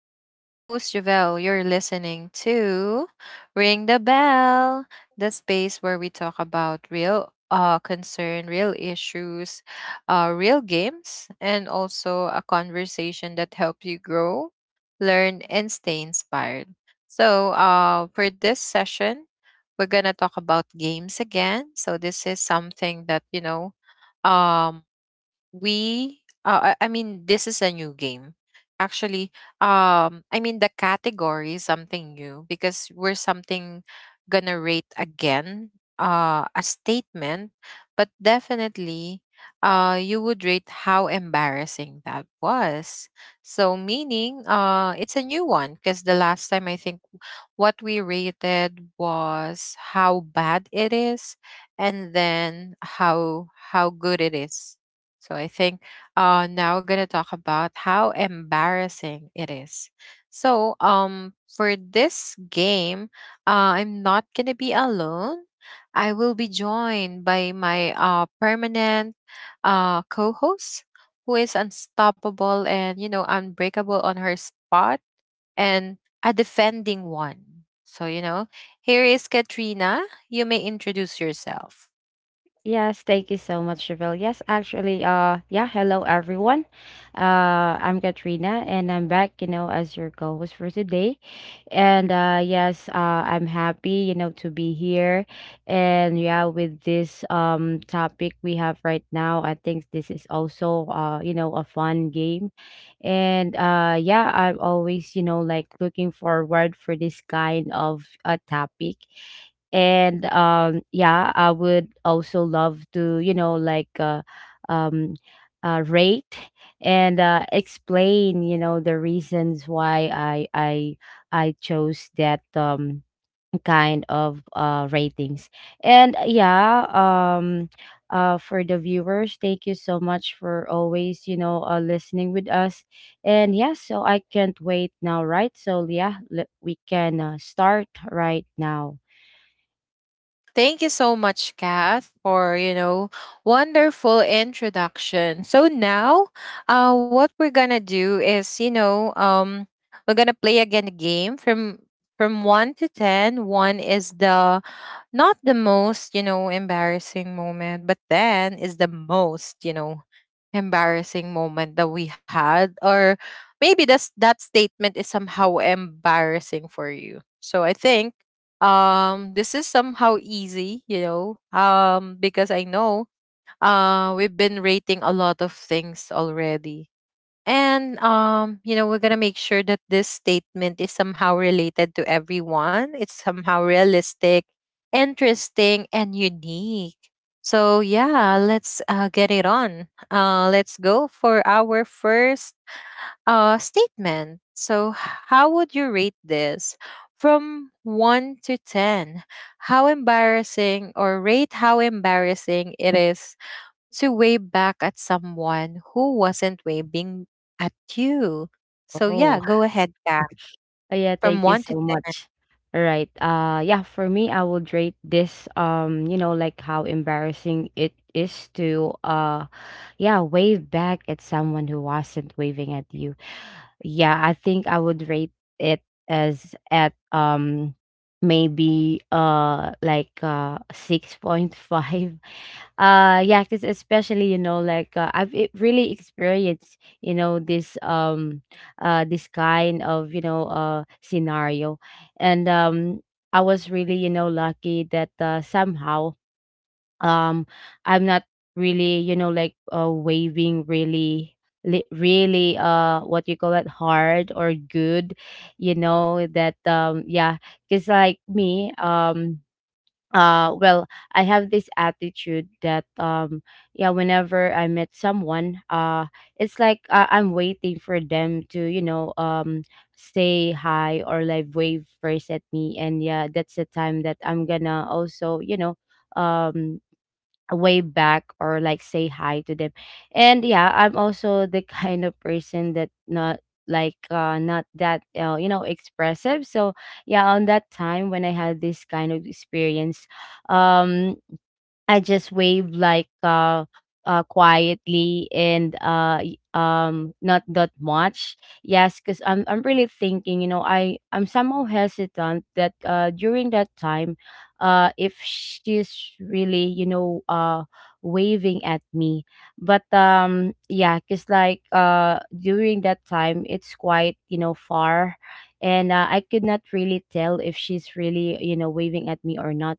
And I'm your host, Javelle. You're listening to Ring the Bell, the space where we talk about real concern, real issues, real games, and also a conversation that helps you grow, learn, and stay inspired. So, for this session, we're going to talk about games again. So, this is something that, you know, um, we this is a new game actually. The category is something new because we're something gonna rate again, a statement, but definitely you would rate how embarrassing that was. So meaning it's a new one because the last time I think what we rated was how bad it is, and then how good it is. So I think, now we're gonna talk about how embarrassing it is. So for this game, I'm not gonna be alone. I will be joined by my permanent co-host, who is unstoppable and you know unbreakable on her spot, and a defending one. So you know, here is Katrina. You may introduce yourself. Yes, thank you so much, Chevelle. Yes, actually, hello everyone. I'm Katrina and I'm back, you know, as your co-host for today. And yes, I'm happy, you know, to be here. And yeah, with this topic we have right now, I think this is also you know, a fun game. And yeah, I'm always, you know, like looking forward for this kind of a topic and yeah, I would also love to, you know, like um rate and explain, you know, the reasons why I chose that kind of ratings and for the viewers. Thank you so much for always, you know, listening with us. And yeah, so I can't wait now, right? So yeah, we can start right now. Thank you so much, Kath, for you know wonderful introduction. So now, what we're gonna do is you know we're gonna play again a game from one to ten. One is the not the most you know embarrassing moment, but ten is the most you know embarrassing moment that we had, or maybe that's that statement is somehow embarrassing for you. So I think this is somehow easy, you know. Because I know we've been rating a lot of things already, and you know we're going to make sure that this statement is somehow related to everyone. It's somehow realistic, interesting, and unique. So yeah, let's get it on. Let's go for our first statement. So how would you rate this from 1 to 10, how embarrassing, or rate how embarrassing it is to wave back at someone who wasn't waving at you. So, yeah, Oh. go ahead, Kat, Oh, yeah, from thank you 1 to so 10. much. All right. Yeah, for me, I would rate this you know, like how embarrassing it is to yeah, wave back at someone who wasn't waving at you. Yeah, I think I would rate it as at maybe like 6.5. Yeah, because especially, you know, like I've really experienced, you know, this this kind of, you know, scenario. And I was really, you know, lucky that somehow um I'm not really, you know, like waving really, really what you call it, hard or good, you know, that yeah. Because like me, well, I have this attitude that yeah, whenever I met someone, it's like I'm waiting for them to, you know, say hi or like wave first at me. And yeah, that's the time that I'm gonna also, you know, um wave back or like say hi to them. And yeah, I'm also the kind of person that not, like not that you know, expressive. So yeah, on that time when I had this kind of experience, um I just wave like quietly and not that much. Yes, because I'm really thinking, you know, I'm somehow hesitant that during that time, if she's really, you know, waving at me. But yeah, because like during that time it's quite, you know, far, and I could not really tell if she's really, you know, waving at me or not.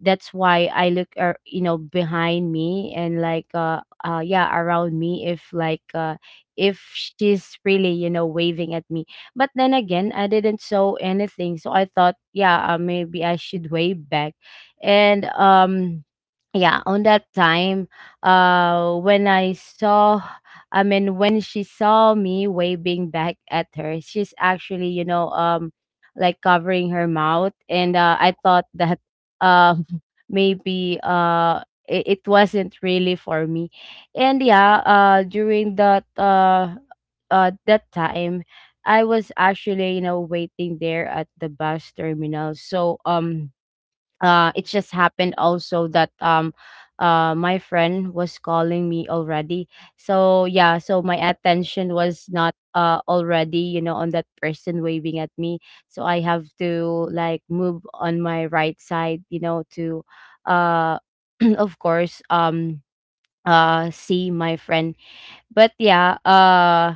That's why I look you know, behind me and like yeah, around me, if like if she's really, you know, waving at me. But then again, I didn't saw anything, so I thought, yeah, maybe I should wave back. And yeah, on that time when I saw, I mean when she saw me waving back at her, she's actually, you know, like covering her mouth. And I thought that um maybe it, it wasn't really for me. And yeah, during that that time, I was actually, you know, waiting there at the bus terminal. So it just happened also that my friend was calling me already. So yeah, so my attention was not already, you know, on that person waving at me. So I have to like move on my right side, you know, to uh of course see my friend. But yeah,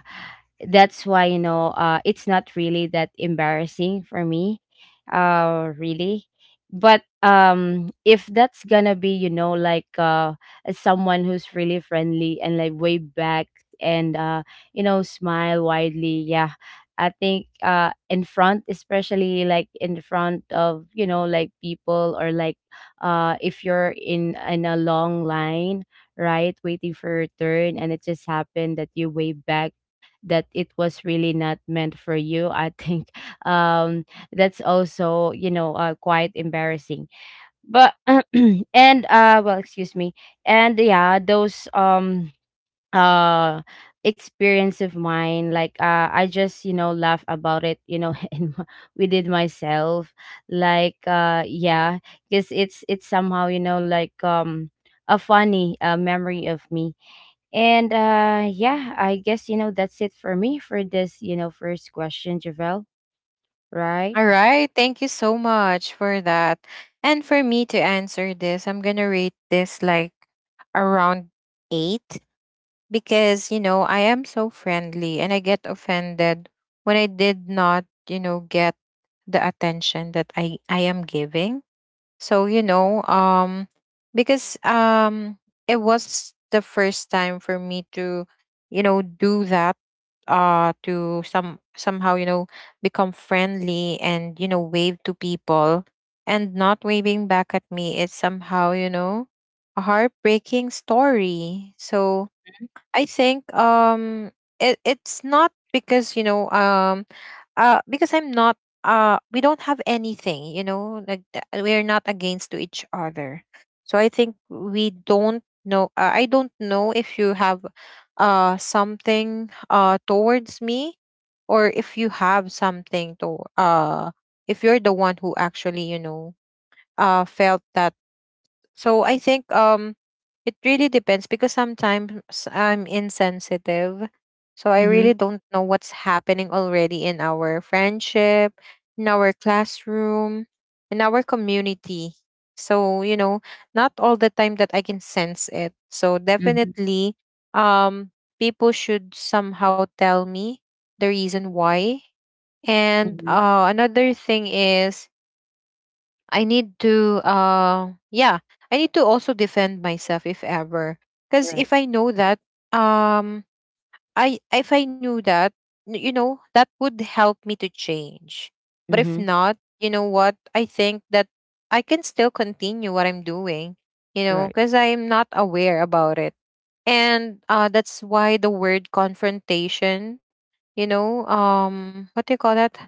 that's why, you know, it's not really that embarrassing for me, really. But if that's gonna be, you know, like someone who's really friendly and like way back, and you know, smile widely. Yeah, I think in front, especially like in front of, you know, like people, or like if you're in a long line, right? Waiting for your turn, and it just happened that you wave back, that it was really not meant for you. I think um, that's also, you know, quite embarrassing. But and well, excuse me, and yeah, those uh experience of mine, like I just, you know, laugh about it, you know, and within myself, like yeah, because it's somehow, you know, like a funny memory of me. And yeah, I guess, you know, that's it for me for this, you know, first question, Javel, right? All right. Thank you so much for that. And for me to answer this, I'm going to rate this like around 8, because, you know, I am so friendly and I get offended when I did not, you know, get the attention that I am giving. So, you know, because it was the first time for me to, you know, do that, to some somehow, you know, become friendly and you know wave to people, and not waving back at me is somehow, you know, a heartbreaking story. So, I think it's not because you know because I'm not we don't have anything you know like we're not against to each other. So I think we don't know, I don't know if you have something towards me, or if you have something to if you're the one who actually you know felt that. So I think it really depends, because sometimes I'm insensitive. So I really Mm-hmm. don't know what's happening already in our friendship, in our classroom, in our community. So, you know, not all the time that I can sense it. So Mm-hmm. definitely um people should somehow tell me the reason why. And Mm-hmm. Another thing is I need to yeah, I need to also defend myself if ever. Cuz Right. if I know that um I if I knew that you know that would help me to change. But if Mm-hmm. not, you know what? I think that I can still continue what I'm doing, you know, Right. cuz I am not aware about it. And that's why the word confrontation, you know, what do you call that?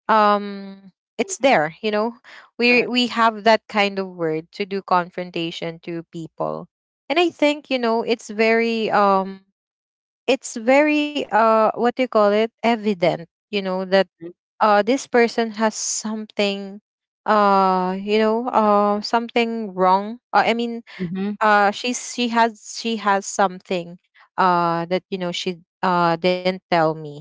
um it's Mm-hmm. there, you know. we Right. we have that kind of word to do confrontation to people. And I think you know it's very what do you call it, evident you know that this person has something, something wrong, I mean Mm-hmm. She has something that you know she didn't tell me.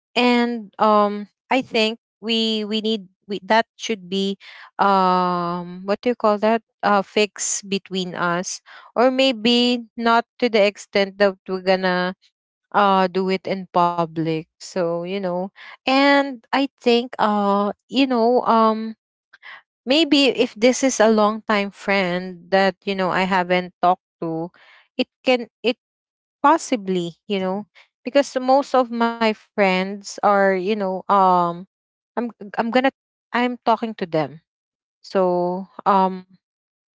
And I think that should be what do you call that, fix between us, or maybe not to the extent that we're gonna do it in public, so you know. And I think maybe if this is a long time friend that you know I haven't talked to, it possibly, you know. Because most of my friends are you know i'm i'm gonna I'm talking to them. So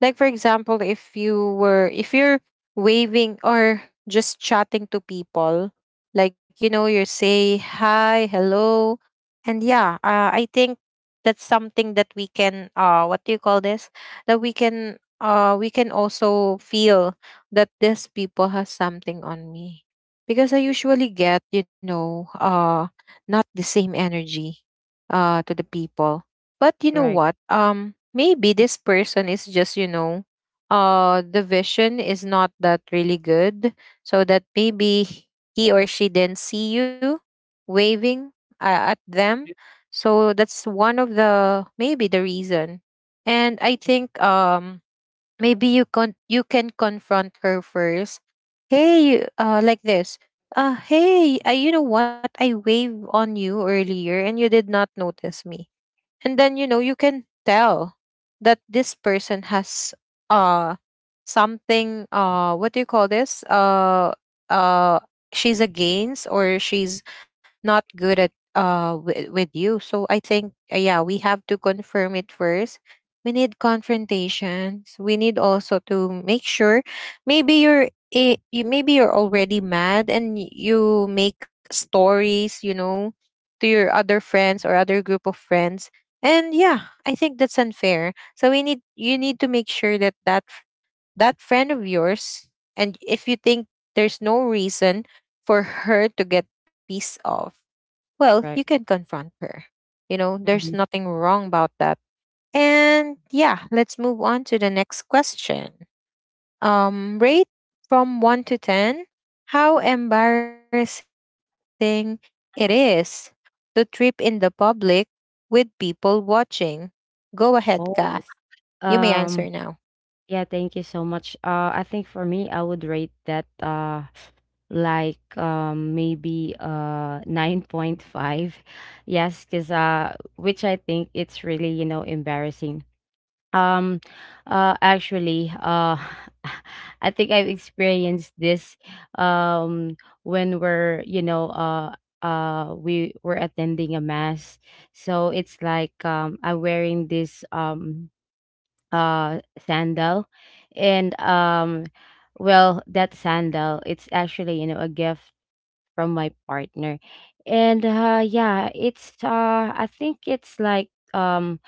like for example if you were if you're waving or just chatting to people, like you know you say hi hello, and yeah I think that's something that we can what do you call this, that we can also feel that this people has something on me, because I usually get you know not the same energy to the people. But you know Right. what? Maybe this person is just, you know, the vision is not that really good. So that maybe he or she didn't see you waving at them. So that's one of the maybe the reason. And I think maybe you can confront her first. Hey, like this. Hey, you know what? I waved on you earlier and you did not notice me. And then you know you can tell that this person has uh something what do you call this uh she's against, or she's not good at with you. So I think yeah, we have to confirm it first. We need confrontations, we need also to make sure, maybe you're you maybe you're already mad and you make stories you know to your other friends or other group of friends. And yeah, I think that's unfair. So we need you need to make sure that that friend of yours, and if you think there's no reason for her to get pissed off, well, you Right. can confront her. You know, there's Mm-hmm. nothing wrong about that. And yeah, let's move on to the next question. Rate from 1 to 10 how embarrassing it is to trip in the public with people watching. Go ahead, Kath. You Oh. may answer now. um Yeah, thank you so much. I think for me, I would rate that like maybe 9.5. Yes, because which I think it's really, you know, embarrassing. Um, actually, I think I've experienced this um when we're, you know, we were attending a mass. So it's like I'm wearing this uh sandal. And well, that sandal, it's actually, you know, a gift from my partner. And yeah, it's I think it's like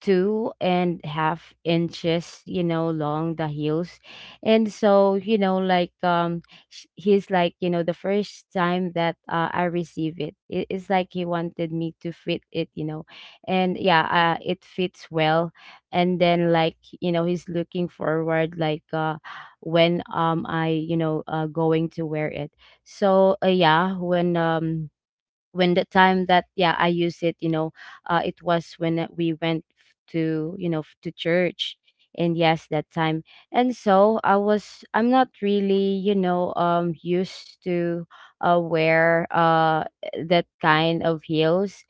two and half inches, you know, long, the heels. And so, you know, like he's like, you know, the first time that I receive it, it's like he wanted me to fit it, you know. And yeah, it fits well. And then, like, you know, he's looking forward, like when I, you know, going to wear it. So yeah, when the time that yeah, I used it, you know, it was when we went to, you know, to church. And yes, that time. And so I was, I'm not really, you know, used to wear that kind of heels.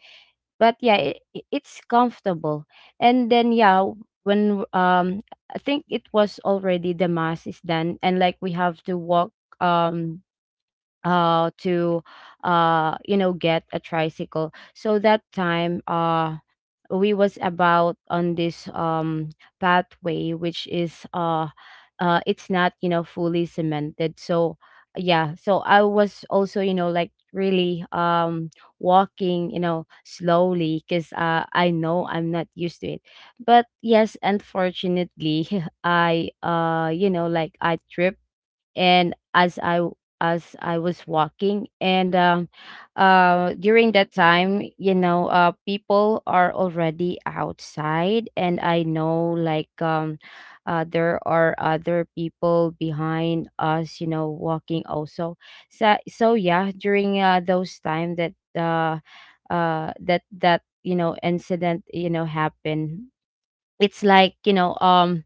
But yeah, it, it's comfortable. And then yeah, when I think it was already the mass is done, and like we have to walk um to you know, get a tricycle. So that time, we was about on this pathway, which is it's not, you know, fully cemented. So yeah, so I was also, you know, like really walking, you know, slowly because I know I'm not used to it. But yes, unfortunately, I you know, like, I tripped. And as as I was walking. And during that time, you know, people are already outside, and I know, like there are other people behind us, you know, walking also. So so yeah, during those time that that that, you know, incident, you know, happened, it's like, you know,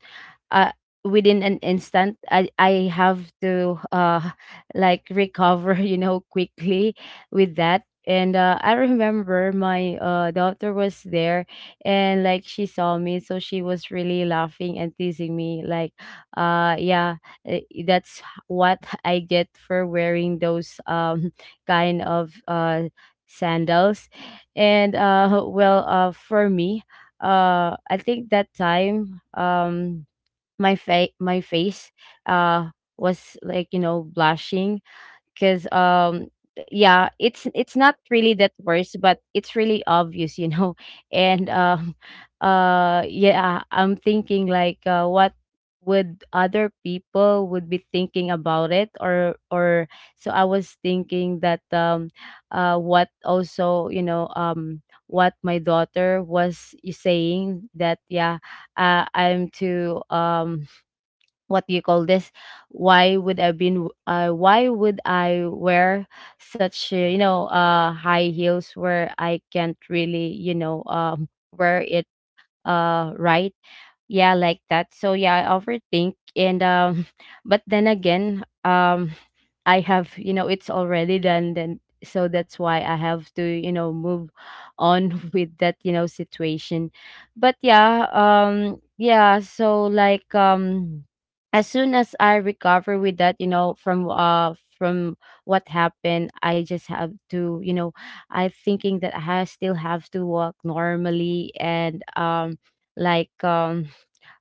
uh, within an instant, I have to like recover, you know, quickly with that. And I remember my daughter was there. And like, she saw me, so she was really laughing and teasing me, like yeah, eh, that's what I get for wearing those kind of sandals. And well, for me, I think that time, my my face uh was like, you know, blushing, because yeah, it's not really that worse, but it's really obvious, you know, and yeah, I'm thinking, like what would other people would be thinking about it, or so I was thinking that what also, you know, what my daughter was saying, that yeah, I'm too what do you call this, why would I been why would I wear such you know, high heels where I can't really, you know, wear it, right? Yeah, like that. So yeah, I overthink, and but then again, I have, you know, it's already done then, so that's why I have to, you know, move on with that, you know, situation. But yeah, yeah, so like as soon as I recover with that, you know, from what happened, I just have to, you know, I thinking that still have to work normally. And like um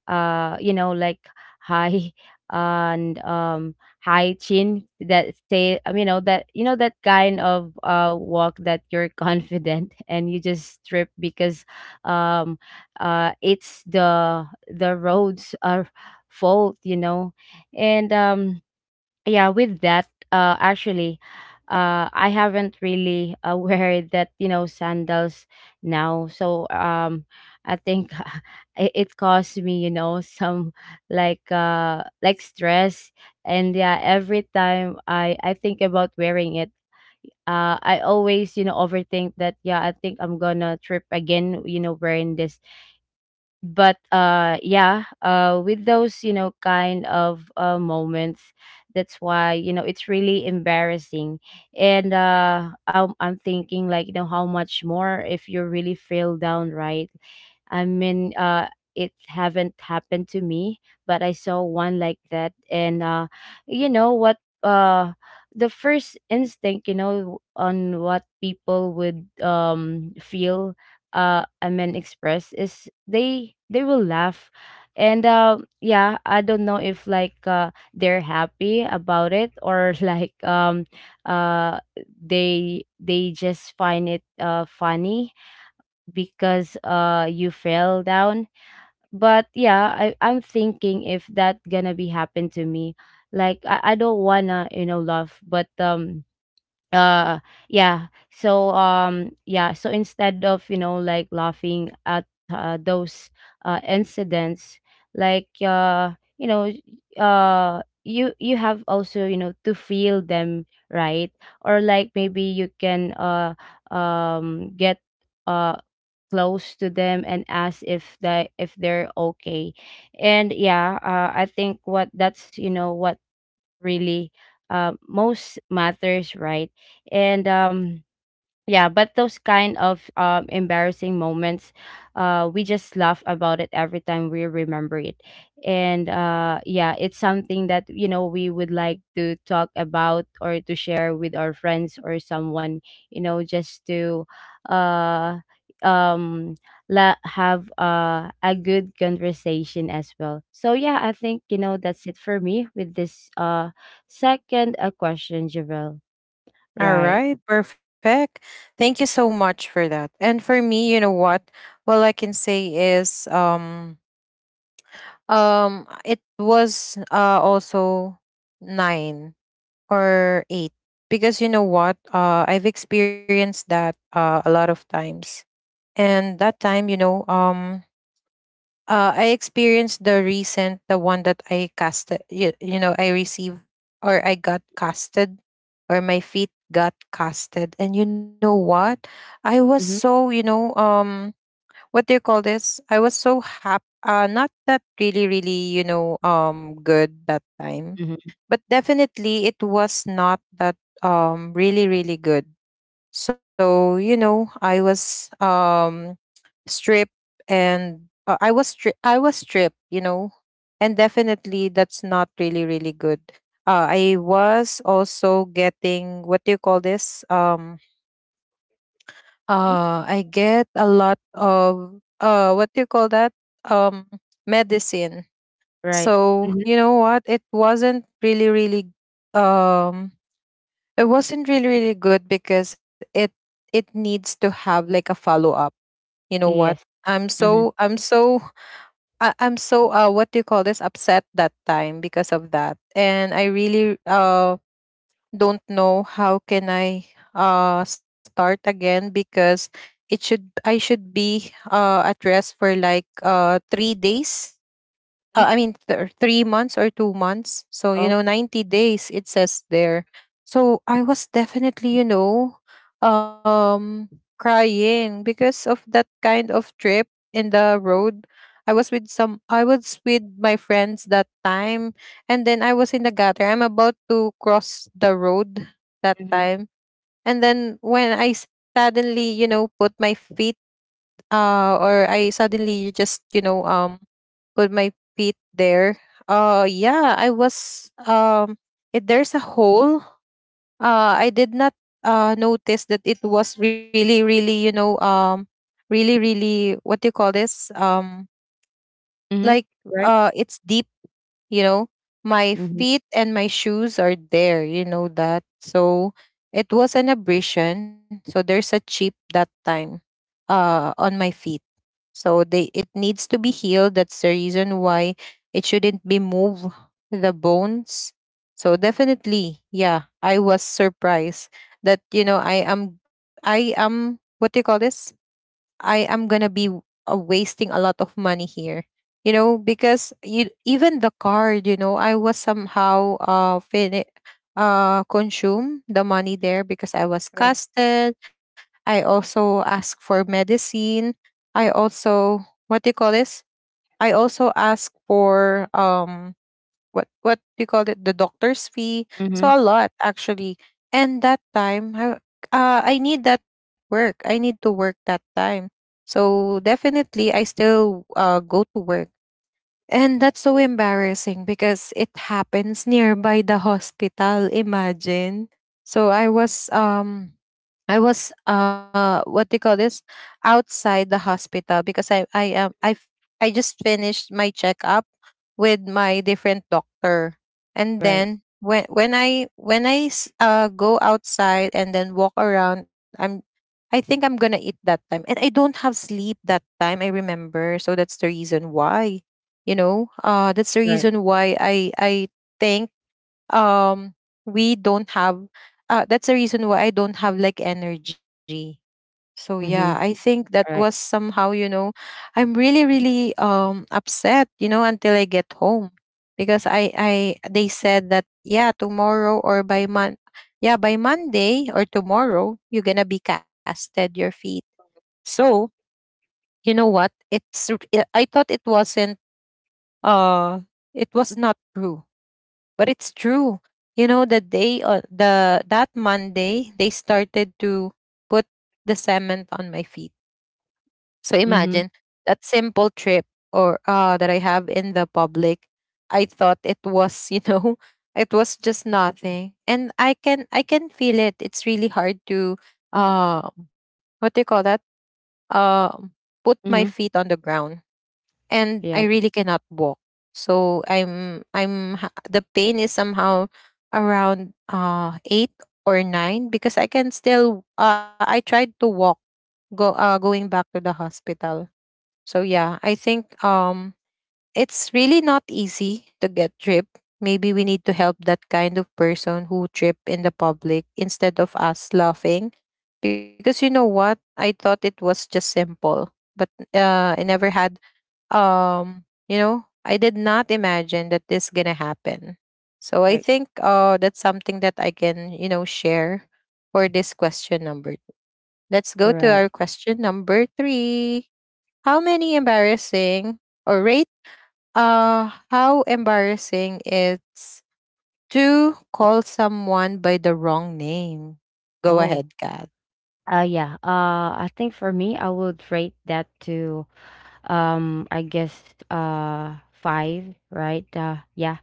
uh you know, like high and high chin that stay you know that kind of walk that you're confident, and you just strip because um it's the roads are fault, you know. And yeah, with that actually I haven't really wear that, you know, sandals now, so I think it caused me, you know, some like stress. And yeah, every time I think about wearing it, I always, you know, overthink that, yeah, I think I'm gonna trip again, you know, wearing this. But yeah, with those, you know, kind of moments, that's why, you know, it's really embarrassing. And I'm thinking like, you know, how much more if you really feel down, right? I mean, it haven't happened to me, but I saw one like that. And you know what? The first instinct, you know, on what people would feel, I mean, express is they will laugh. And yeah, I don't know if like they're happy about it, or like uh they just find it funny because you fell down. But yeah, I'm thinking if that gonna be happen to me. Like I don't wanna, you know, love, but uh yeah. So yeah, so instead of, you know, like laughing at those incidents, like you know, you have also, you know, to feel them, right? Or like maybe you can get uh close to them and ask if they're okay. And yeah, I think what that's, you know, what really most matters, right? And yeah, but those kind of embarrassing moments, we just laugh about it every time we remember it. And yeah, it's something that, you know, we would like to talk about or to share with our friends or someone, you know, just to uh, um have a good conversation as well. So yeah, I think, you know, that's it for me with this second question, Javel, All right? right, perfect. Thank you so much for that. And for me, you know what? All I can say is it was also 9 or 8, because you know what? I've experienced that a lot of times. And that time you know I experienced the recent the one that I casted you, you know I received or I got casted, or my feet got casted. And you know what, I was Mm-hmm. so you know what do you call this, I was so happy, not that really really you know good that time. Mm-hmm. But definitely it was not that really really good. So you know I was stripped. And I was stripped, you know, and definitely that's not really really good. I was also getting what do you call this? I get a lot of what do you call that? Um, medicine. Right. So Mhm. you know what? It wasn't really really um, it wasn't really really good, because it needs to have like a follow up. You know what? Yes. I'm Mhm. so I'm so I'm so what do you call this, upset that time because of that, and I really don't know how can I start again. Because it should I should be at rest for like 3 days, Mm. I mean, 3 months or 2 months. So, you Oh. know, 90 days, it says there. So I was definitely, you know, um, crying because of that kind of trip in the road. I was with I was with my friends that time. And then I was in the gutter. I'm about to cross the road that Mhm. time. And then when I suddenly, you know, put my feet, or I suddenly just, you know, put my feet there. Yeah, I was there's a hole. I did not notice that it was really really, you know, really really what do you call this? Mhm. like Right. It's deep, you know. My Mhm. feet and my shoes are there, you know that. So it was an abrasion. So there's a chip that time on my feet, so they it needs to be healed. That's the reason why it shouldn't be move, the bones. So definitely, yeah, I was surprised that you know I am what do you call this? I am gonna be wasting a lot of money here. You know, because you, even the card, you know, I was somehow consume the money there because I was Right. casted. I also asked for medicine. I also what do you call this? I also asked for what do you call it, the doctor's fee, so Mhm. a lot actually. And that time I need that work, I need to work that time. So definitely I still go to work. And that's so embarrassing because it happens nearby the hospital, imagine. So I was I was what they call this, outside the hospital because I I just finished my checkup with my different doctor. And Right. then when I go outside and then walk around, I think I'm gonna eat that time, and I don't have sleep that time, I remember. So that's the reason why, you know, that's the Right. reason why I think, um we don't have, that's the reason why I don't have like energy. So yeah, I Mhm. think that was Right. somehow, you know, I'm really really upset, you know, until I get home. Because I they said that yeah, tomorrow or by mon yeah, by Monday or tomorrow you're going to be casted your feet. So, you know what? It's r- I thought it wasn't, uh it was not true, but it's true. You know, the day on the that Monday they started to put the cement on my feet. So imagine, Mhm. that simple trip, or that I have in the public, I thought it was, you know, it was just nothing, and i can feel it. It's really hard to uh what do you call that, uh put my Mhm. feet on the ground, and I Yeah. really cannot walk. So the pain is somehow around eight or nine, because I can still I tried to walk, go going back to the hospital. So yeah, I think it's really not easy to get trip. Maybe we need to help that kind of person who trip in the public instead of us laughing. Because you know what? I thought it was just simple, but I never had, you know, I did not imagine that this gonna happen. So I Right. think that's something that I can, you know, share for this question number two. Let's go to our Right. question number three: how many embarrassing, or rate, how embarrassing it's to call someone by the wrong name. Go Oh. ahead, Kat. Yeah. I think for me I would rate that to I guess uh 5, right? Yeah.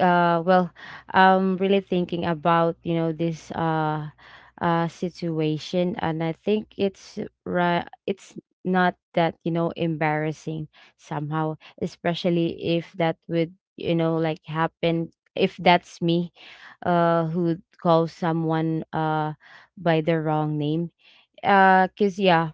Well, I'm really thinking about, you know, this situation, and I think it's right, it's not that, you know, embarrassing somehow, especially if that would, you know, like happen if that's me who calls someone by the wrong name. Cuz yeah.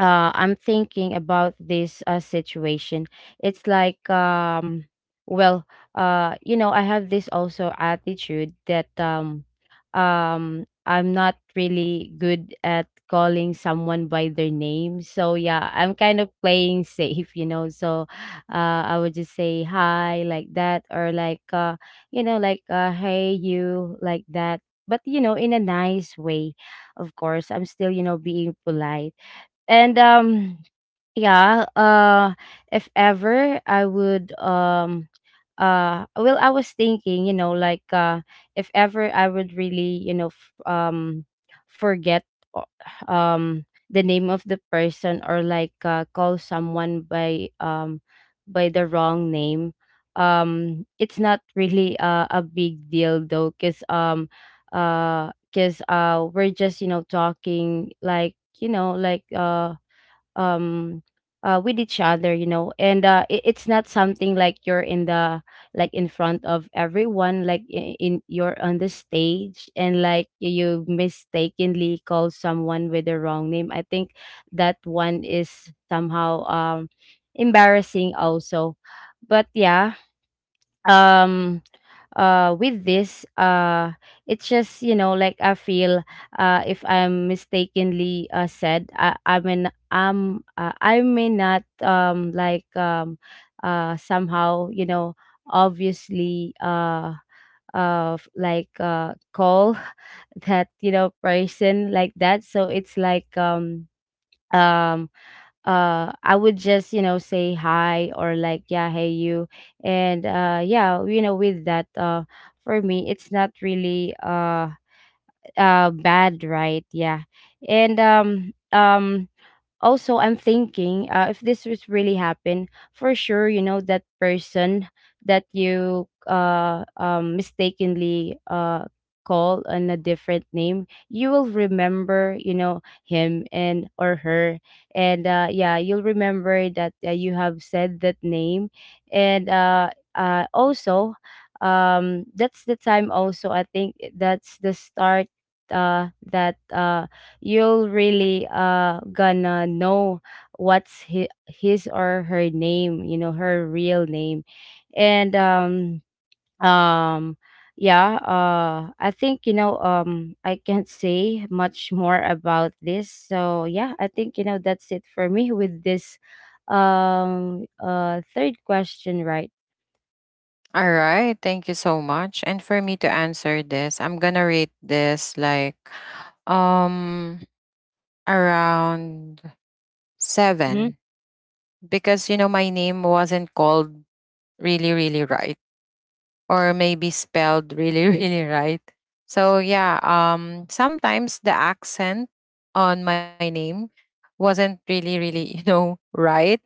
I'm thinking about this situation. It's like, well, you know, I have this also attitude that I'm not really good at calling someone by their name. So yeah, I'm kind of playing safe, you know. So I would just say hi like that, or like, you know, like hey you like that. But you know, in a nice way, of course. I'm still, you know, being polite. And yeah, if ever I would well, I was thinking, you know, like if ever I would really, you know, forget o- um the name of the person, or like call someone by the wrong name. It's not really a big deal though, cuz we're just, you know, talking like, you know, like um with each other, you know. And it's not something like you're in the like in front of everyone, like I- in you're on the stage, and like you mistakenly call someone with the wrong name. I think that one is somehow embarrassing also. But yeah. um with this it's just, you know, like I feel if I'm mistakenly said, I mean I'm I may not like somehow, you know, obviously like call that, you know, person like that. So it's like um I would just, you know, say hi, or like yeah, hey you. And yeah, you know, with that for me it's not really bad, right? Yeah. And also I'm thinking, if this was really happen, for sure, you know, that person that you mistakenly call on a different name, you will remember, you know, him and or her. And yeah, you'll remember that you have said that name. And also that's the time also, I think that's the start that you'll really gonna know what's his or her name, you know, her real name. And um yeah, I think, you know, I can't say much more about this. So yeah, I think, you know, that's it for me with this third question, right? All right, thank you so much. And for me to answer this, I'm gonna rate this like, um around seven, Hmm. because you know my name wasn't called really, really right, or maybe spelled really, really right. So yeah, sometimes the accent on my name wasn't really, really, you know, right,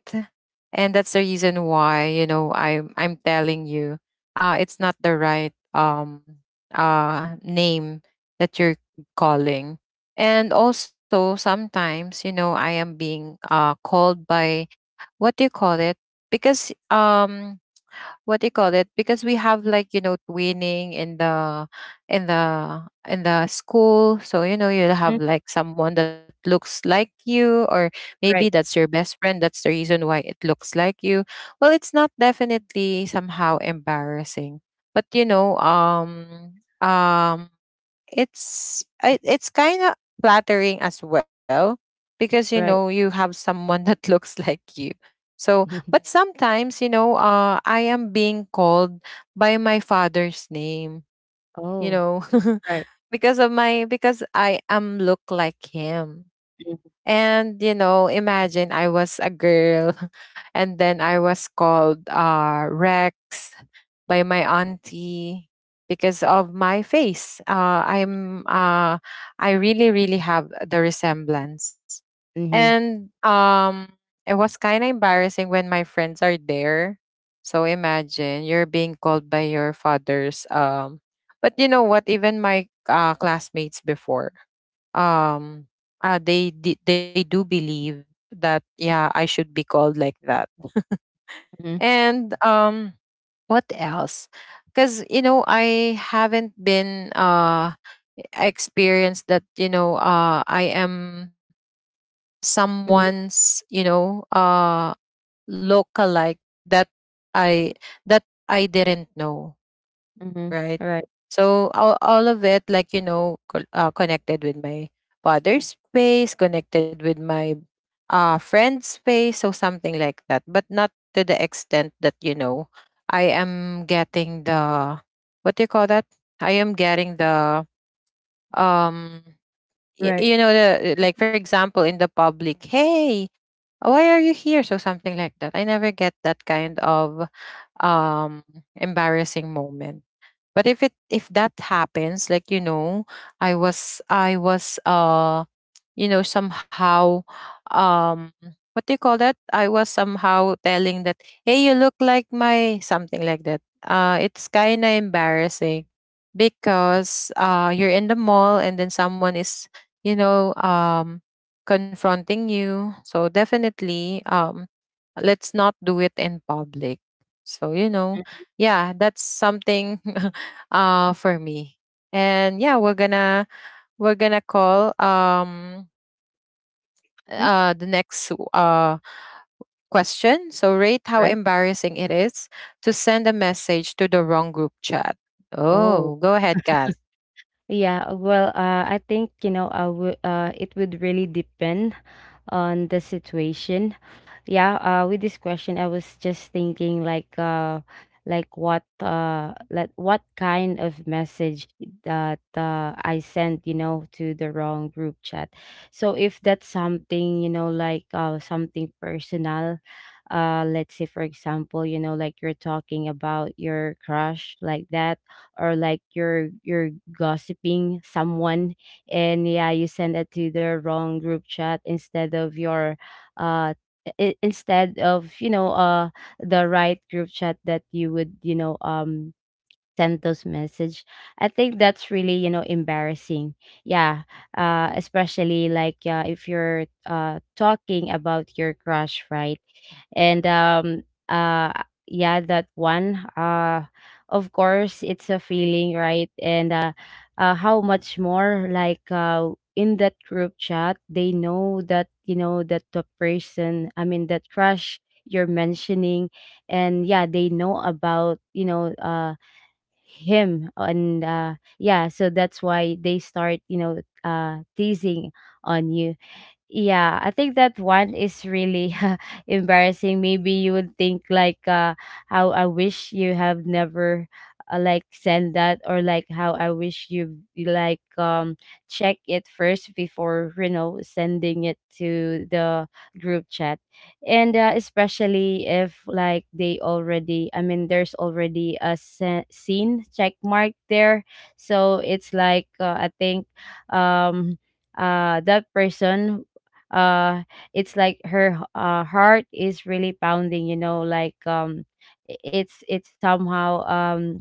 and that's the reason why you know I'm telling you, it's not the right name that you're calling. And also sometimes, you know, I am being called by what do you call it? Because what do you call it, because we have like, you know, twinning in the in the school, so you know you'll have like someone that looks like you, or maybe Right. that's your best friend, that's the reason why it looks like you. Well, it's not definitely somehow embarrassing, but you know, um it's it's kind of flattering as well, because you know Right. you have someone that looks like you. So, but sometimes you know I am being called by my father's name, you oh. know, Right. because of my, because I am look like him. Mm-hmm. And you know, imagine I was a girl and then I was called Rex by my auntie, because of my face. I really really have the resemblance. Mm-hmm. And it was kind of embarrassing when my friends are there. So imagine you're being called by your father's, but you know what? Even my classmates before, um, they do believe that yeah, I should be called like that. Mm-hmm. And what else? Because you know, I haven't been experienced that you know, I am someone's, you know, lookalike that I that I didn't know, Mm-hmm. right? Right. So all of it, like you know, connected with my father's space, connected with my friend's space, so something like that. But not to the extent that you know, I am getting the what do you call that? I am getting the um, y- Right. you know, the, like for example in the public, hey, why are you here? So something like that. I never get that kind of um embarrassing moment. But if it, if that happens, like you know, I was you know somehow, um what do you call that, I was somehow telling that hey, you look like my, something like that. It's kind of embarrassing because you're in the mall and then someone is, you know, confronting you. So definitely, let's not do it in public. So you know, yeah, that's something for me. And yeah, we're gonna, we're gonna call, Mhm. The next question. So, rate how Right. embarrassing it is to send a message to the wrong group chat. Oh, Oh, go ahead, Kath. yeah. Well, I think, you know, it would really depend on the situation, yeah. With this question, I was just thinking like like what kind of message that I sent, you know, to the wrong group chat. So if that's something, you know, like something personal. Let's say for example, you know, like you're talking about your crush like that, or like you're gossiping someone, and yeah, you send it to the wrong group chat instead of your uh instead of, you know, the right group chat that you would, you know, send those message. I think that's really, you know, embarrassing, yeah. Especially like, if you're talking about your crush, right? And uh yeah, that one, of course, it's a feeling, right? And how much more like in that group chat they know that, you know, that the person, I mean that crush you're mentioning, and yeah, they know about, you know, him. And yeah, so that's why they start, you know, teasing on you. Yeah, I think that one is really embarrassing. Maybe you would think like how I wish you have never like send that, or like how I wish like check it first before, you know, sending it to the group chat. And especially if like they already, I mean there's already a scene check mark there. So it's like I think um that person, uh it's like her heart is really pounding, you know, like it's somehow um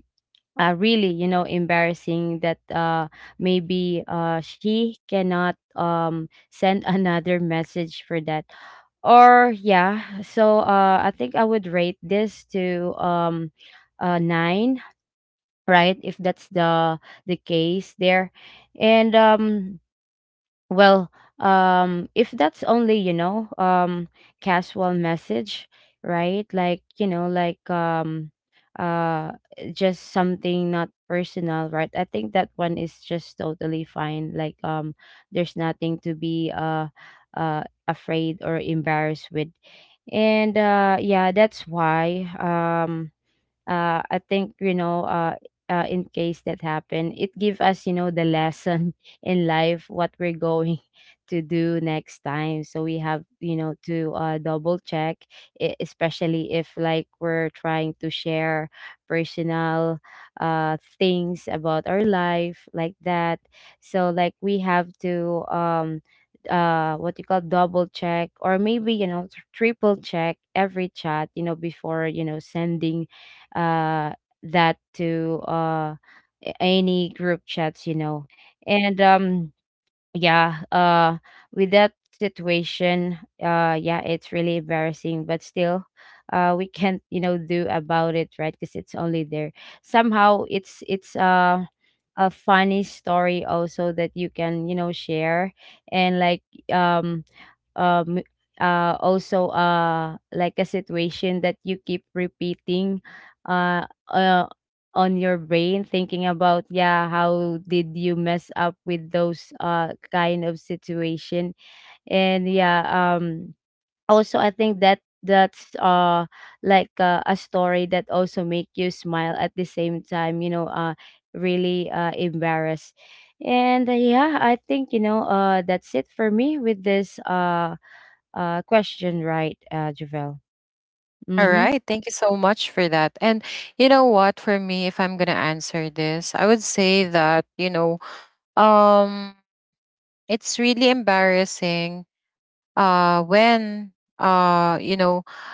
uh, really, you know, embarrassing that maybe she cannot send another message for that. Or yeah, so I think I would rate this to 9, right? If that's the case there. And well, if that's only, you know, casual message, right? Like, you know, like uh just something not personal, right? I think that one is just totally fine. Like there's nothing to be afraid or embarrassed with. And yeah, that's why I think, you know, in case that happened, it give us, you know, the lesson in life what we're going to do next time. So we have, you know, to double check, especially if like we're trying to share personal things about our life like that. So like we have to what you call double check, or maybe, you know, triple check every chat, you know, before, you know, sending uh, that to any group chats, you know. And yeah, with that situation, yeah, it's really embarrassing, but still, we can't, you know, do about it, right? Because it's only there. Somehow, it's a funny story also that you can, you know, share. And like um um also like a situation that you keep repeating uh, uh on your brain thinking about, yeah, how did you mess up with those kind of situation. And yeah, also I think that that's like a story that also make you smile at the same time, you know, really embarrassed. And yeah, I think, you know, that's it for me with this question, right? Javel. All right. Mm-hmm. Thank you so much for that. And you know what? For me, if I'm going to answer this, I would say that, you know, um, it's really embarrassing when, you know,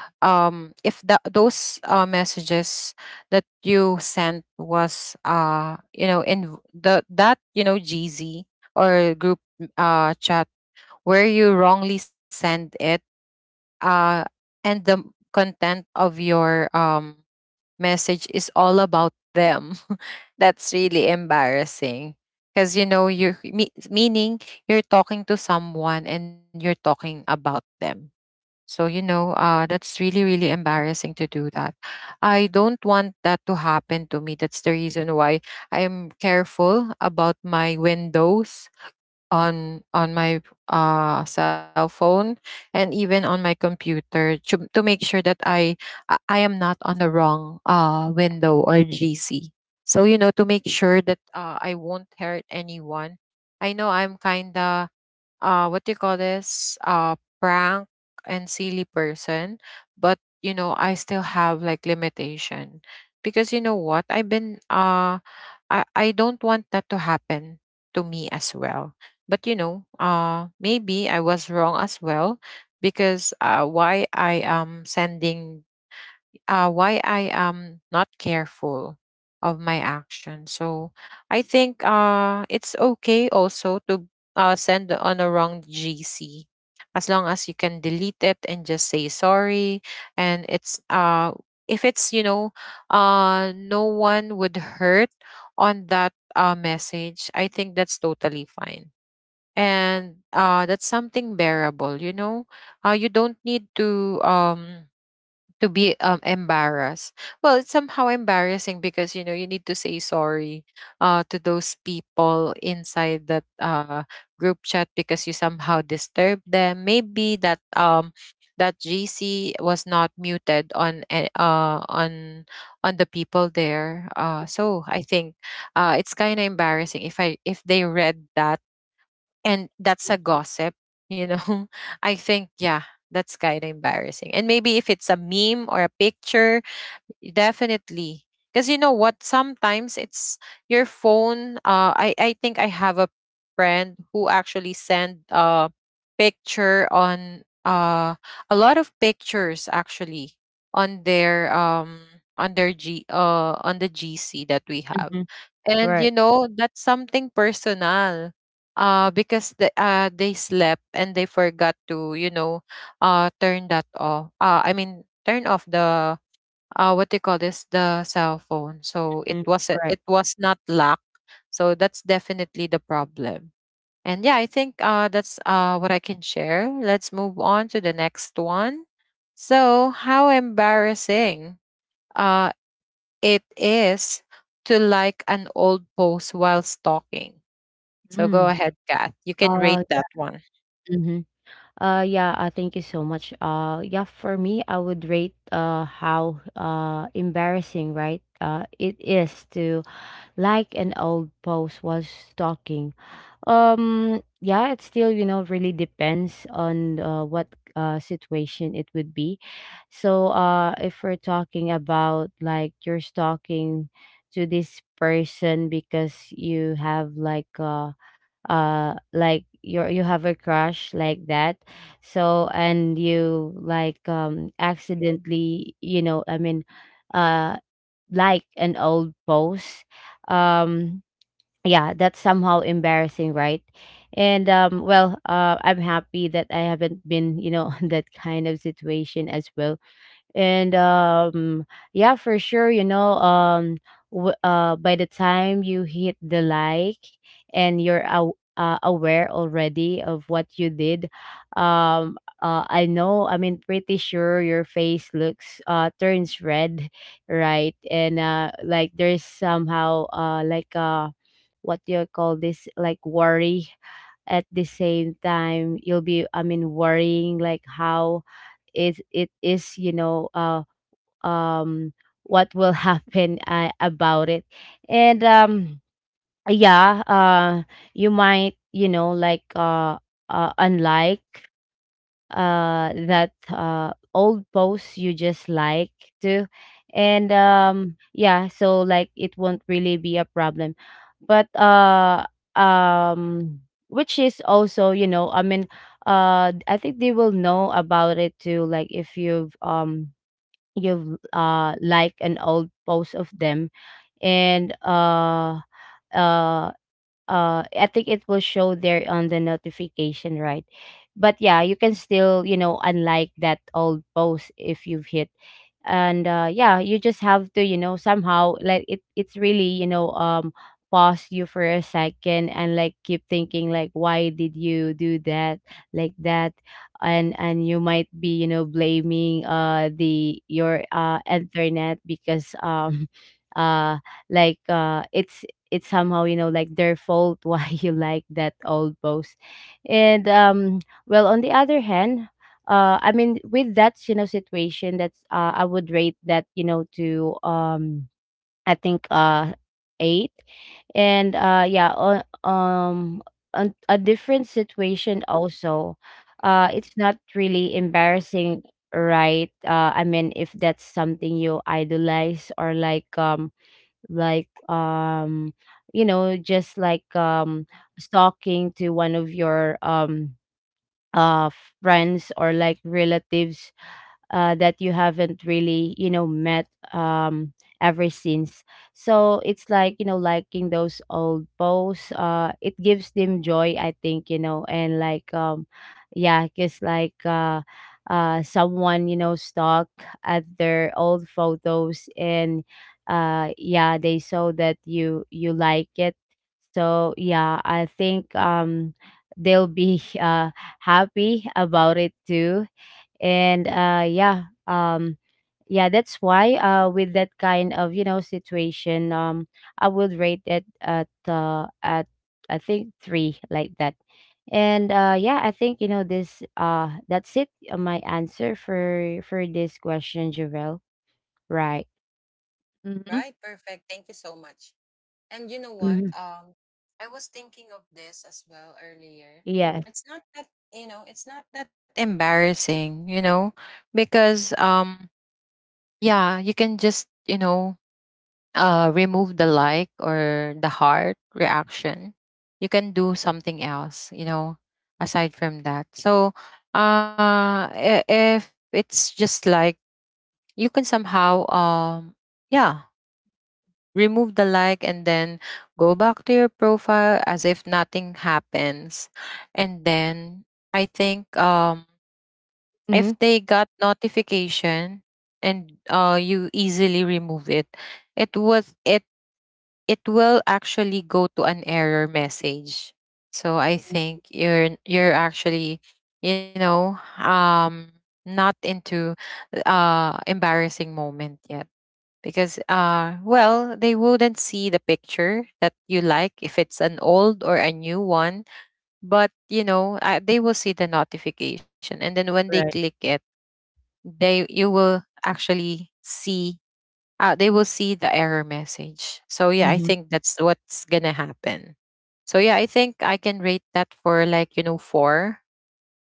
if the, those messages that you sent was, you know, in the, that you know, GZ or group chat, where you wrongly send it, uh and the content of your message is all about them. That's really embarrassing, because you know you're meaning you're talking to someone and you're talking about them. So, you know, that's really, really embarrassing to do that. I don't want that to happen to me. That's the reason why I am careful about my windows on my cell phone, and even on my computer, to make sure that I am not on the wrong window or GC. So, you know, to make sure that I won't hurt anyone. I know I'm kinda what do you call this, prank and silly person, but you know I still have like limitation. Because you know what, I've been I don't want that to happen to me as well. But you know, maybe I was wrong as well, because why I am sending, why I am not careful of my action. So I think it's okay also to send on a wrong GC, as long as you can delete it and just say sorry. And it's if it's, you know, no one would hurt on that message, I think that's totally fine. And that's something bearable, you know. You don't need to be embarrassed. Well, it's somehow embarrassing because you know you need to say sorry to those people inside that group chat, because you somehow disturbed them. Maybe that that GC was not muted on on the people there. So I think it's kind of embarrassing if I, if they read that, and that's a gossip, you know, I think, yeah, that's kind of embarrassing. And maybe if it's a meme or a picture, definitely. Because you know what? Sometimes it's your phone. I think I have a friend who actually sent picture on a lot of pictures actually on their um on their G on the GC that we have. Mm-hmm. And you Right. know, that's something personal. Because the, they slept and they forgot to, you know, turn that off. I mean, turn off the what do you call this? The cell phone. So it Mm-hmm. was, it Right. was not locked. So that's definitely the problem. And yeah, I think that's what I can share. Let's move on to the next one. So, how embarrassing uh, it is to like an old post while stalking. So, go Mm. ahead, Kat. You can uh rate that one. Yeah, thank you so much. Yeah, for me I would rate how embarrassing, right? It is to like an old post while stalking. Yeah, it still, you know, really depends on what situation it would be. So if we're talking about like you're stalking to this person because you have like you have a crush like that, so and you like accidentally, uh like an old post. um yeah, that's somehow embarrassing, right? and well I'm happy that I haven't been, you know, on that kind of situation as well. And Yeah, for sure, by the time you hit the like and you're aware already of what you did. I know I mean pretty sure your face looks turns red, right? and Like there's somehow what do you call this, like worry at the same time. You'll be, I mean, worrying like how is it is you know. Um what will happen about it? And Yeah. You might, you know, like, unlike that old posts you just like to And yeah, so like it won't really be a problem. But uh um which is also, you know, I think they will know about it too, like if you've liked an old post of them. And uh I think it will show there on the notification, right? But yeah, you can still, you know, unlike that old post if you've hit. And yeah, you just have to, you know, somehow like it. It's really, you know, pause you for a second and like keep thinking like why did you do that like that. And you might be, you know, blaming the your internet, because uh like it's somehow, you know, like their fault why you like that old post. And Well, on the other hand, I mean, with that, you know, situation, that's I would rate that, you know, to I think eight. And yeah, on a different situation also, it's not really embarrassing, right? I mean, if that's something you idolize or like, like um you know, just like, stalking to one of your uh friends or like relatives that you haven't really, you know, met um, ever since. So it's like, you know, liking those old posts, it gives them joy, I think, you know. And like Yeah, because someone, you know, stuck at their old photos, and yeah, they saw that you like it. So yeah, I think they'll be happy about it too. And yeah. Yeah, that's why, with that kind of, you know, situation, I would rate it at I think three like that. And yeah, I think, you know, this that's it, my answer for this question, Javel, right? Mm-hmm. Right, perfect. Thank you so much. And you know Mm-hmm. what? I was thinking of this as well earlier. Yes. It's not that, you know, it's not that embarrassing, you know, because yeah, you can just, you know, remove the like or the heart reaction. You can do something else, you know, aside from that. So if it's just like you can somehow, yeah, remove the like and then go back to your profile as if nothing happens, and then I think, if Mm-hmm. they got notification and you easily remove it, it was it it will actually go to an error message. So I think you're actually, you know, um not into embarrassing moment yet, because well, they wouldn't see the picture that you like if it's an old or a new one, but they will see the notification, and then when they click Right. it, they you will actually see, they will see the error message. So yeah, I Mm-hmm. think that's what's gonna happen. So yeah, I think I can rate that for like four.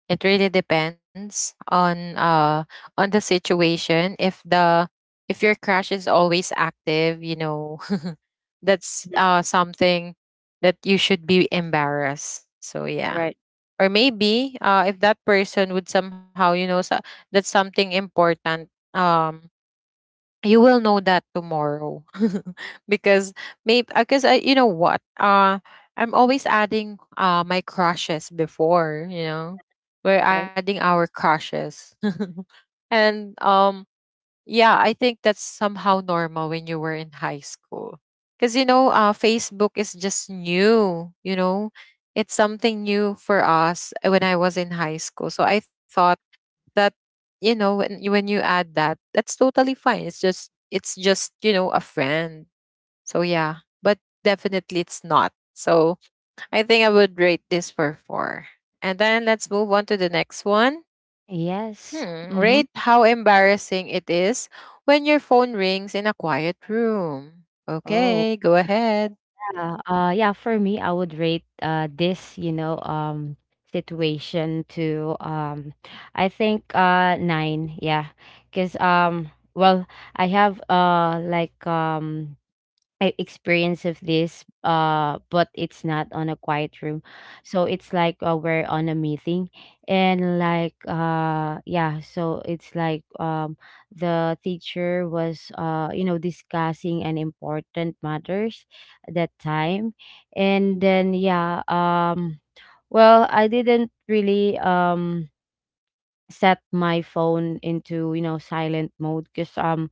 It really depends on on the situation. If your crash is always active, you know, that's something that you should be embarrassed. So yeah. Right. Or maybe if that person would somehow, so that's something important, you will know that tomorrow. Because maybe because I, you know what, I'm always adding my crushes before, we're Right. adding our crushes. And yeah, I think that's somehow normal when you were in high school, because Facebook is just new, it's something new for us, when I was in high school. So I thought that, when you add that, that's totally fine. It's just a friend, so yeah. But definitely it's not. So I think I would rate this for four, and then let's move on to the next one. Yes. Rate Mm-hmm. how embarrassing it is when your phone rings in a quiet room. Oh. Okay, go ahead. Yeah, yeah, for me, I would rate this, you know, situation to, I think nine, yeah. 'Cause well, I have I experience of this, but it's not on a quiet room. So it's like, we're on a meeting, and yeah. So it's like, the teacher was, you know, discussing an important matters at that time, and then yeah. Well, I didn't really set my phone into, you know, silent mode, because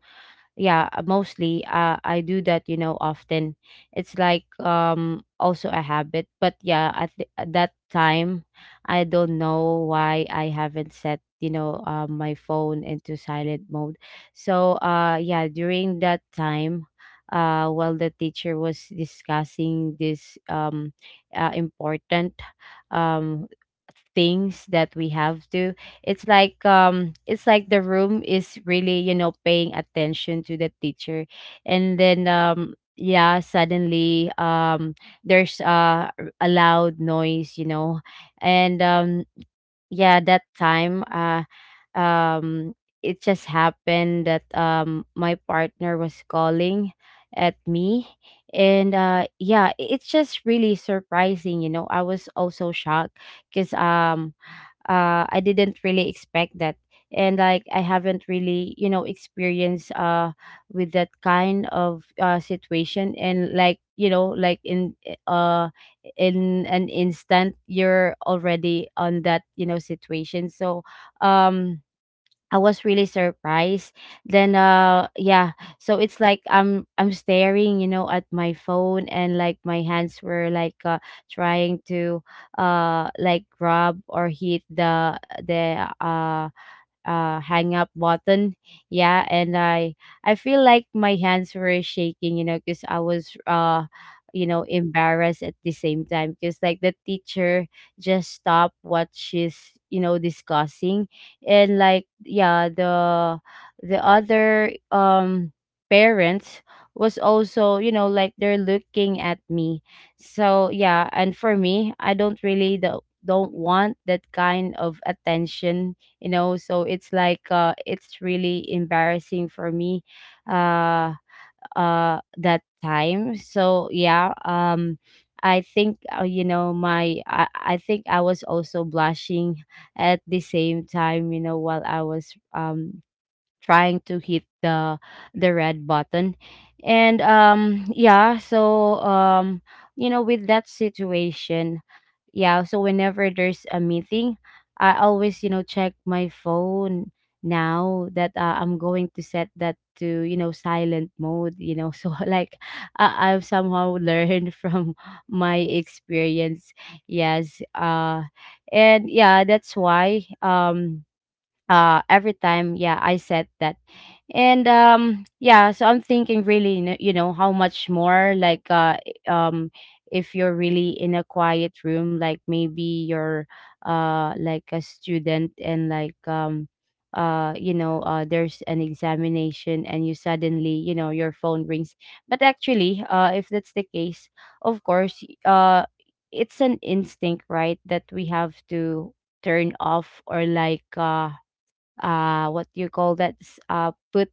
yeah, mostly, I do that, you know, often. It's like, also a habit, but yeah, at that time, I don't know why I haven't set, you know, my phone into silent mode. So yeah, during that time while the teacher was discussing this, important um things that we have to. It's like, it's like the room is really, you know, paying attention to the teacher. And then yeah, suddenly, there's, a loud noise, you know. And yeah, that time, um it just happened that my partner was calling at me. And yeah, it's just really surprising, you know, I was also shocked, because I didn't really expect that. And like I haven't really, you know, experienced with that kind of situation, and like, you know, like uh in an instant you're already on that, you know, situation. So um I was really surprised. Then yeah, so it's like I'm staring, you know, at my phone and like my hands were like, trying to like grab or hit the hang up button. Yeah, and I feel like my hands were shaking, you know, because I was you know, embarrassed at the same time, because like the teacher just stopped what she's, you know, discussing. And like, yeah, the other parents was also, you know, like they're looking at me. So yeah, and for me, I don't really the, don't want that kind of attention, you know. So it's like, it's really embarrassing for me, uh that time. So yeah, I think, you know, I think I was also blushing at the same time, you know, while I was trying to hit the red button. And yeah, so you know, with that situation, yeah, so whenever there's a meeting, I always, you know, check my phone now that, I'm going to set that to, you know, silent mode, you know, so like I I've somehow learned from my experience. Yes. And yeah, that's why every time, yeah, I set that. And yeah, so I'm thinking really, you know, how much more, like, um if you're really in a quiet room, like maybe you're like a student, and like, you know, there's an examination and you suddenly, you know, your phone rings. But actually, if that's the case, of course, it's an instinct, right, that we have to turn off, or like, what you call that, put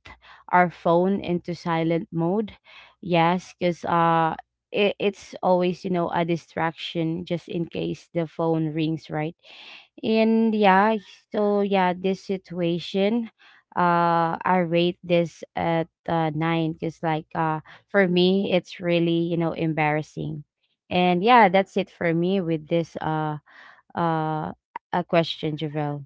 our phone into silent mode. Yes, because it, it's always, you know, a distraction just in case the phone rings, right? And yeah. So yeah, this situation, I rate this at nine, because like, for me it's really, you know, embarrassing. And yeah, that's it for me with this uh a question, Javel.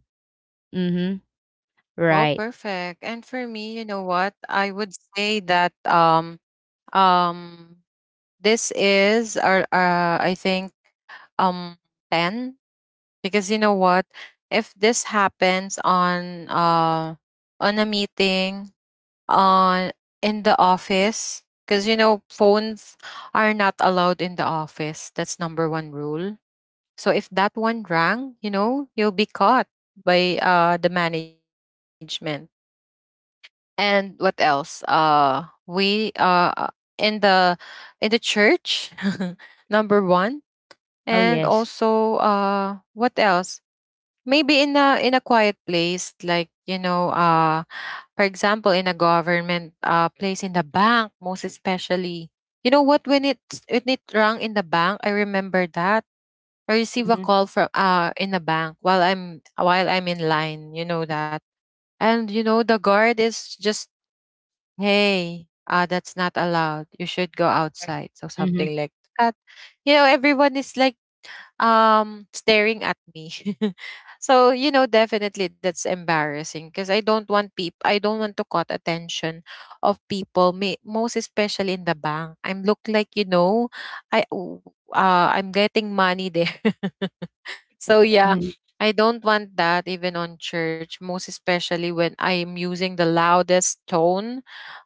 Mm-hmm. Well, perfect. And Right. for me, you know what, I would say that, um this is our, I think, um 10, because you know what, if this happens on on a meeting, on in the office, because phones are not allowed in the office. That's number one rule. So if that one rang, you'll be caught by the management. And what else? We In the church, number one. And Oh, yes. also, what else? Maybe in a quiet place, like, for example, in a government, place, in the bank most especially. You know what, when it rang in the bank. I remember that I receive a Mhm. call from, in the bank, while I'm in line, you know that. And the guard is just, hey, that's not allowed, you should go Right. outside, so Mhm. something like that. Everyone is like, staring at me. So, definitely, that's embarrassing, because I don't want people, I don't want to caught attention of people, most especially in the bank. I'm look like, i w- I'm getting money there. So yeah, Mhm. I don't want that, even on church, most especially when I'm using the loudest tone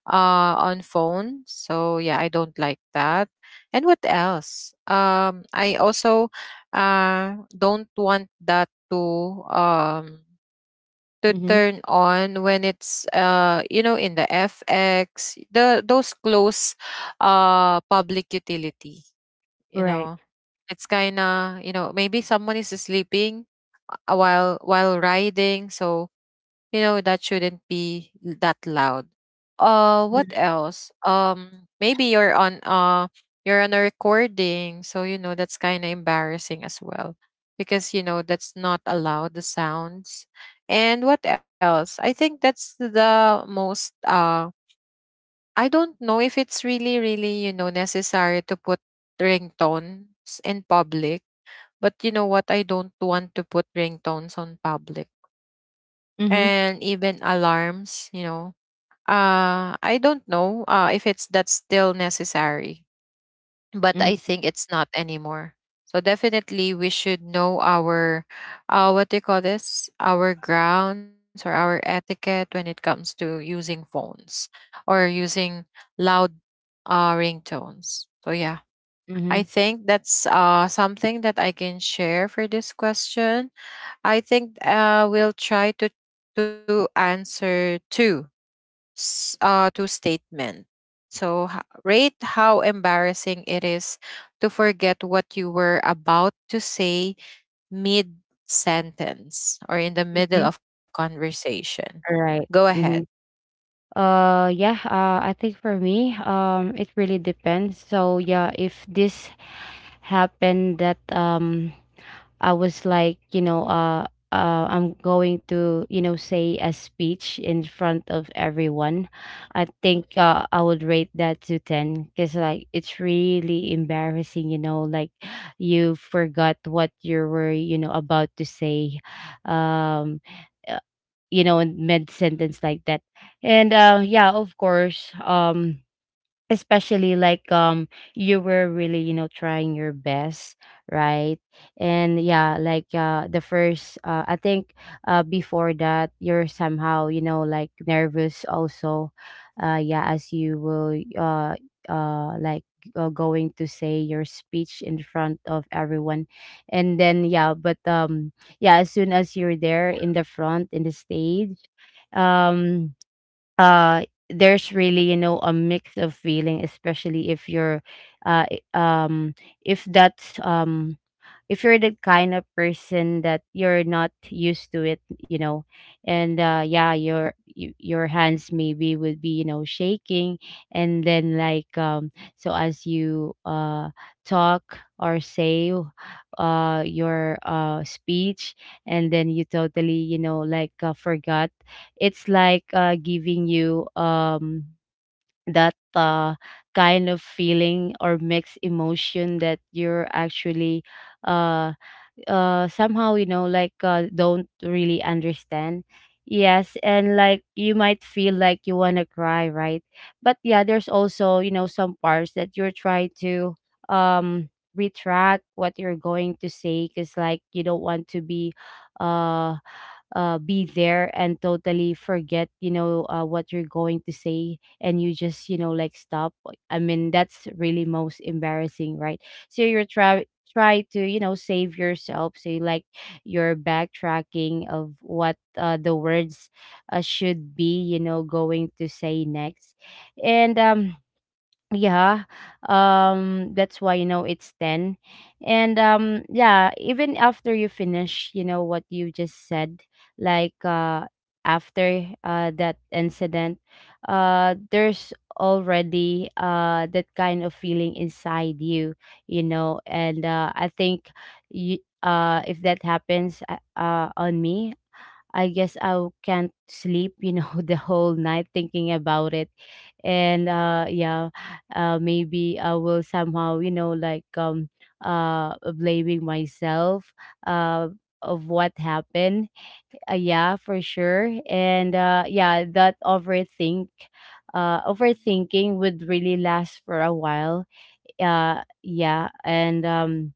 on phone. So yeah, I don't like that. And what else? I also, uh don't want that to, to Mhm. turn on when it's, you know, in the fx, the those close, public utility you Right. know it's kinda, maybe someone is sleeping, while riding, so you know that shouldn't be that loud. What Mhm. else? Maybe you're on a recording, so that's kind of embarrassing as well, because that's not allowed, the sounds. And what else? I think that's the most, I don't know if it's really really, necessary to put ringtones in public. But you know what, I don't want to put ringtones on public, Mhm. and even alarms. I don't know, if it's that's still necessary, but I think it's not anymore. So definitely, we should know our, what do you call this? Our grounds or our etiquette when it comes to using phones, or using loud, ringtones. So yeah, I Mhm. think that's, something that I can share for this question. I think, we'll try to answer two, two statement. So rate how embarrassing it is to forget what you were about to say mid sentence or in the middle Mhm. of conversation. Go Right. ahead. Mhm. Yeah. I think for me, it really depends. So yeah, if this happened that I was like, you know, I'm going to, you know, say a speech in front of everyone. I think, I would rate that to 10 because, like, it's really embarrassing, you know, like you forgot what you were, you know, about to say, um, uh, you know, in mid sentence like that. And yeah, of course. Especially like, you were really, you know, trying your best, right? And yeah, like, the first, I think, before that you're somehow, you know, like nervous also, yeah, as you will like, going to say your speech in front of everyone. And then yeah. But yeah, as soon as you're there in the front in the stage, um uh there's really, you know, a mix of feeling, especially if you're uh i- um if that's if you're the kind of person that you're not used to it, you know. And yeah, your your hands maybe would be, you know, shaking. And then, like, so as you talk or say your speech, and then you totally, you know, like, forgot. It's like, giving you that kind of feeling or mixed emotion, that you're actually uh somehow, you know, like, don't really understand. Yes. And like, you might feel like you want to cry, right? But yeah, there's also, you know, some parts that you're trying to um retract what you're going to say, because like, you don't want to uh be there and totally forget, you know, what you're going to say, and you just, you know, like, stop. I mean, that's really most embarrassing, right? So you're try to, you know, save yourself, so you like, you're backtracking of what, the words, should be, you know, going to say next. And yeah, that's why, you know, it's 10. And yeah, even after you finish, you know, what you just said, like, after that incident, there's already that kind of feeling inside you, you know. And I think you, if that happens, on me, I guess I can't sleep, you know, the whole night thinking about it. And yeah, maybe I will somehow, you know, like, blaming myself uh of what happened. Yeah, for sure. And yeah, that overthinking would really last for a while. Yeah, and um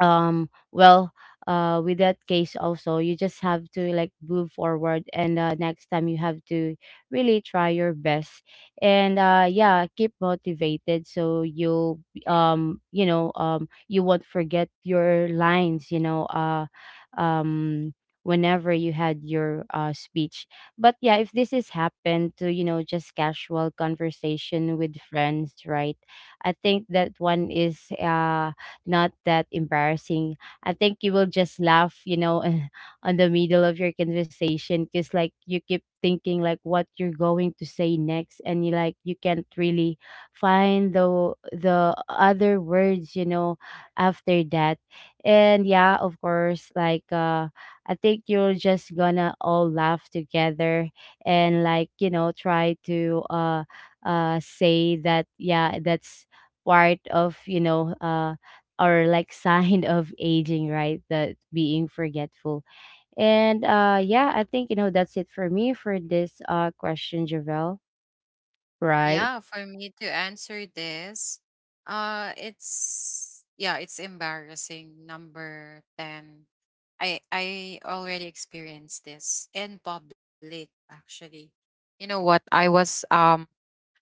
um well, with that case also, you just have to like move forward and, next time you have to really try your best. And yeah, keep motivated so you'll you know, you won't forget your lines, you know, um whenever you had your speech. But yeah, if this has happened to, you know, just casual conversation with friends, right? I think that one is not that embarrassing. I think you will just laugh, you know, on the middle of your conversation, because like, you keep thinking like what you're going to say next, and you like, you can't really find the other words, you know, after that. And yeah, of course, like, I think you're just gonna all laugh together and, like, you know, try to say that, yeah, that's part of, you know, or like sign of aging, right? That being forgetful. And yeah, I think, you know, that's it for me for this question, Javelle. Right? Yeah, for me to answer this, it's, it's embarrassing. Number 10. I already experienced this in public actually. You know what?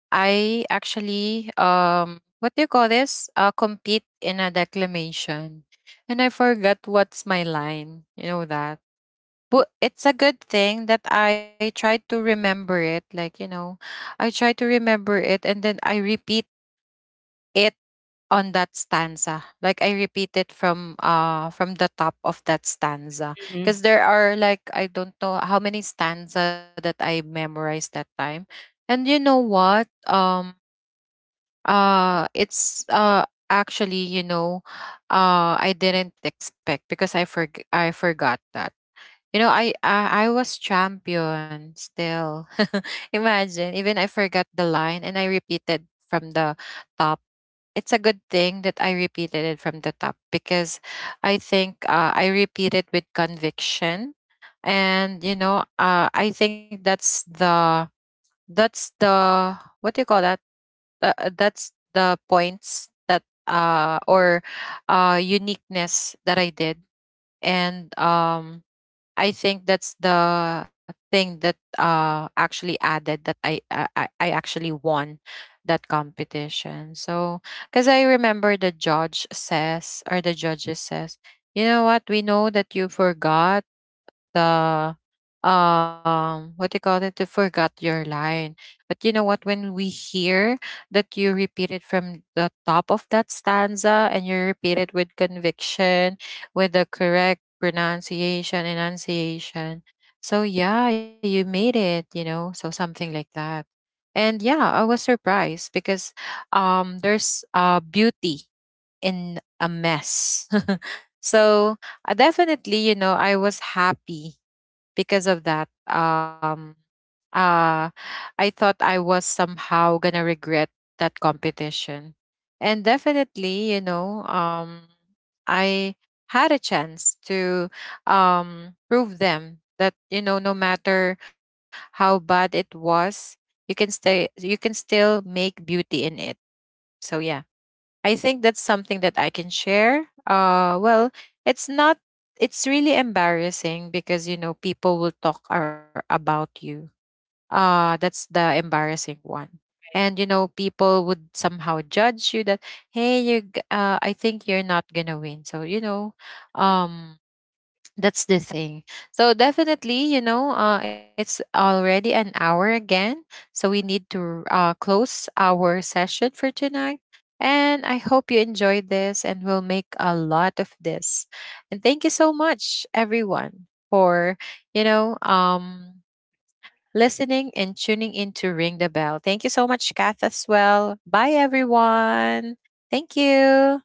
I actually, what do you call this? Compete in a declamation. And I forgot what's my line. You know that, but it's a good thing that I try to remember it. Like, I try to remember it, and then I repeat it on that stanza. Like I repeat it from from the top of that stanza. Because there are, like, I don't know how many stanza that I memorized that time. And you know what? It's, actually, I didn't expect, because I I forgot that. You know, I was champion still. Imagine, even I forgot the line and I repeated from the top. It's a good thing that I repeated it from the top, because I think, I repeated with conviction, and, I think that's the that's the what do you call that? That's the points that or uniqueness that I did, and I think that's the thing that actually added that I actually won that competition. So, because I remember the judges says, you know what, we know that you forgot the, what do you call it, to forgot your line, but you know what, when we hear that you repeat it from the top of that stanza, and you repeat it with conviction, with the correct pronunciation enunciation, so yeah, you made it, so something like that. And yeah, I was surprised, because there's beauty in a mess. So, definitely, I was happy because of that, uh I thought I was somehow gonna regret that competition. And definitely, I had a chance to, prove them that, no matter how bad it was, you can stay you can still make beauty in it, so yeah. I think that's something that I can share. Well, it's not. It's really embarrassing, because people will talk about you. That's the embarrassing one. And people would somehow judge you that, hey, you. I think you're not gonna win. So um, that's the thing. So definitely, it's already an hour again. So we need to, close our session for tonight. And I hope you enjoyed this, and we'll make a lot of this. And thank you so much, everyone, for you know, um, listening and tuning in to Ring the Bell. Thank you so much, Kath, as well. Bye, everyone. Thank you.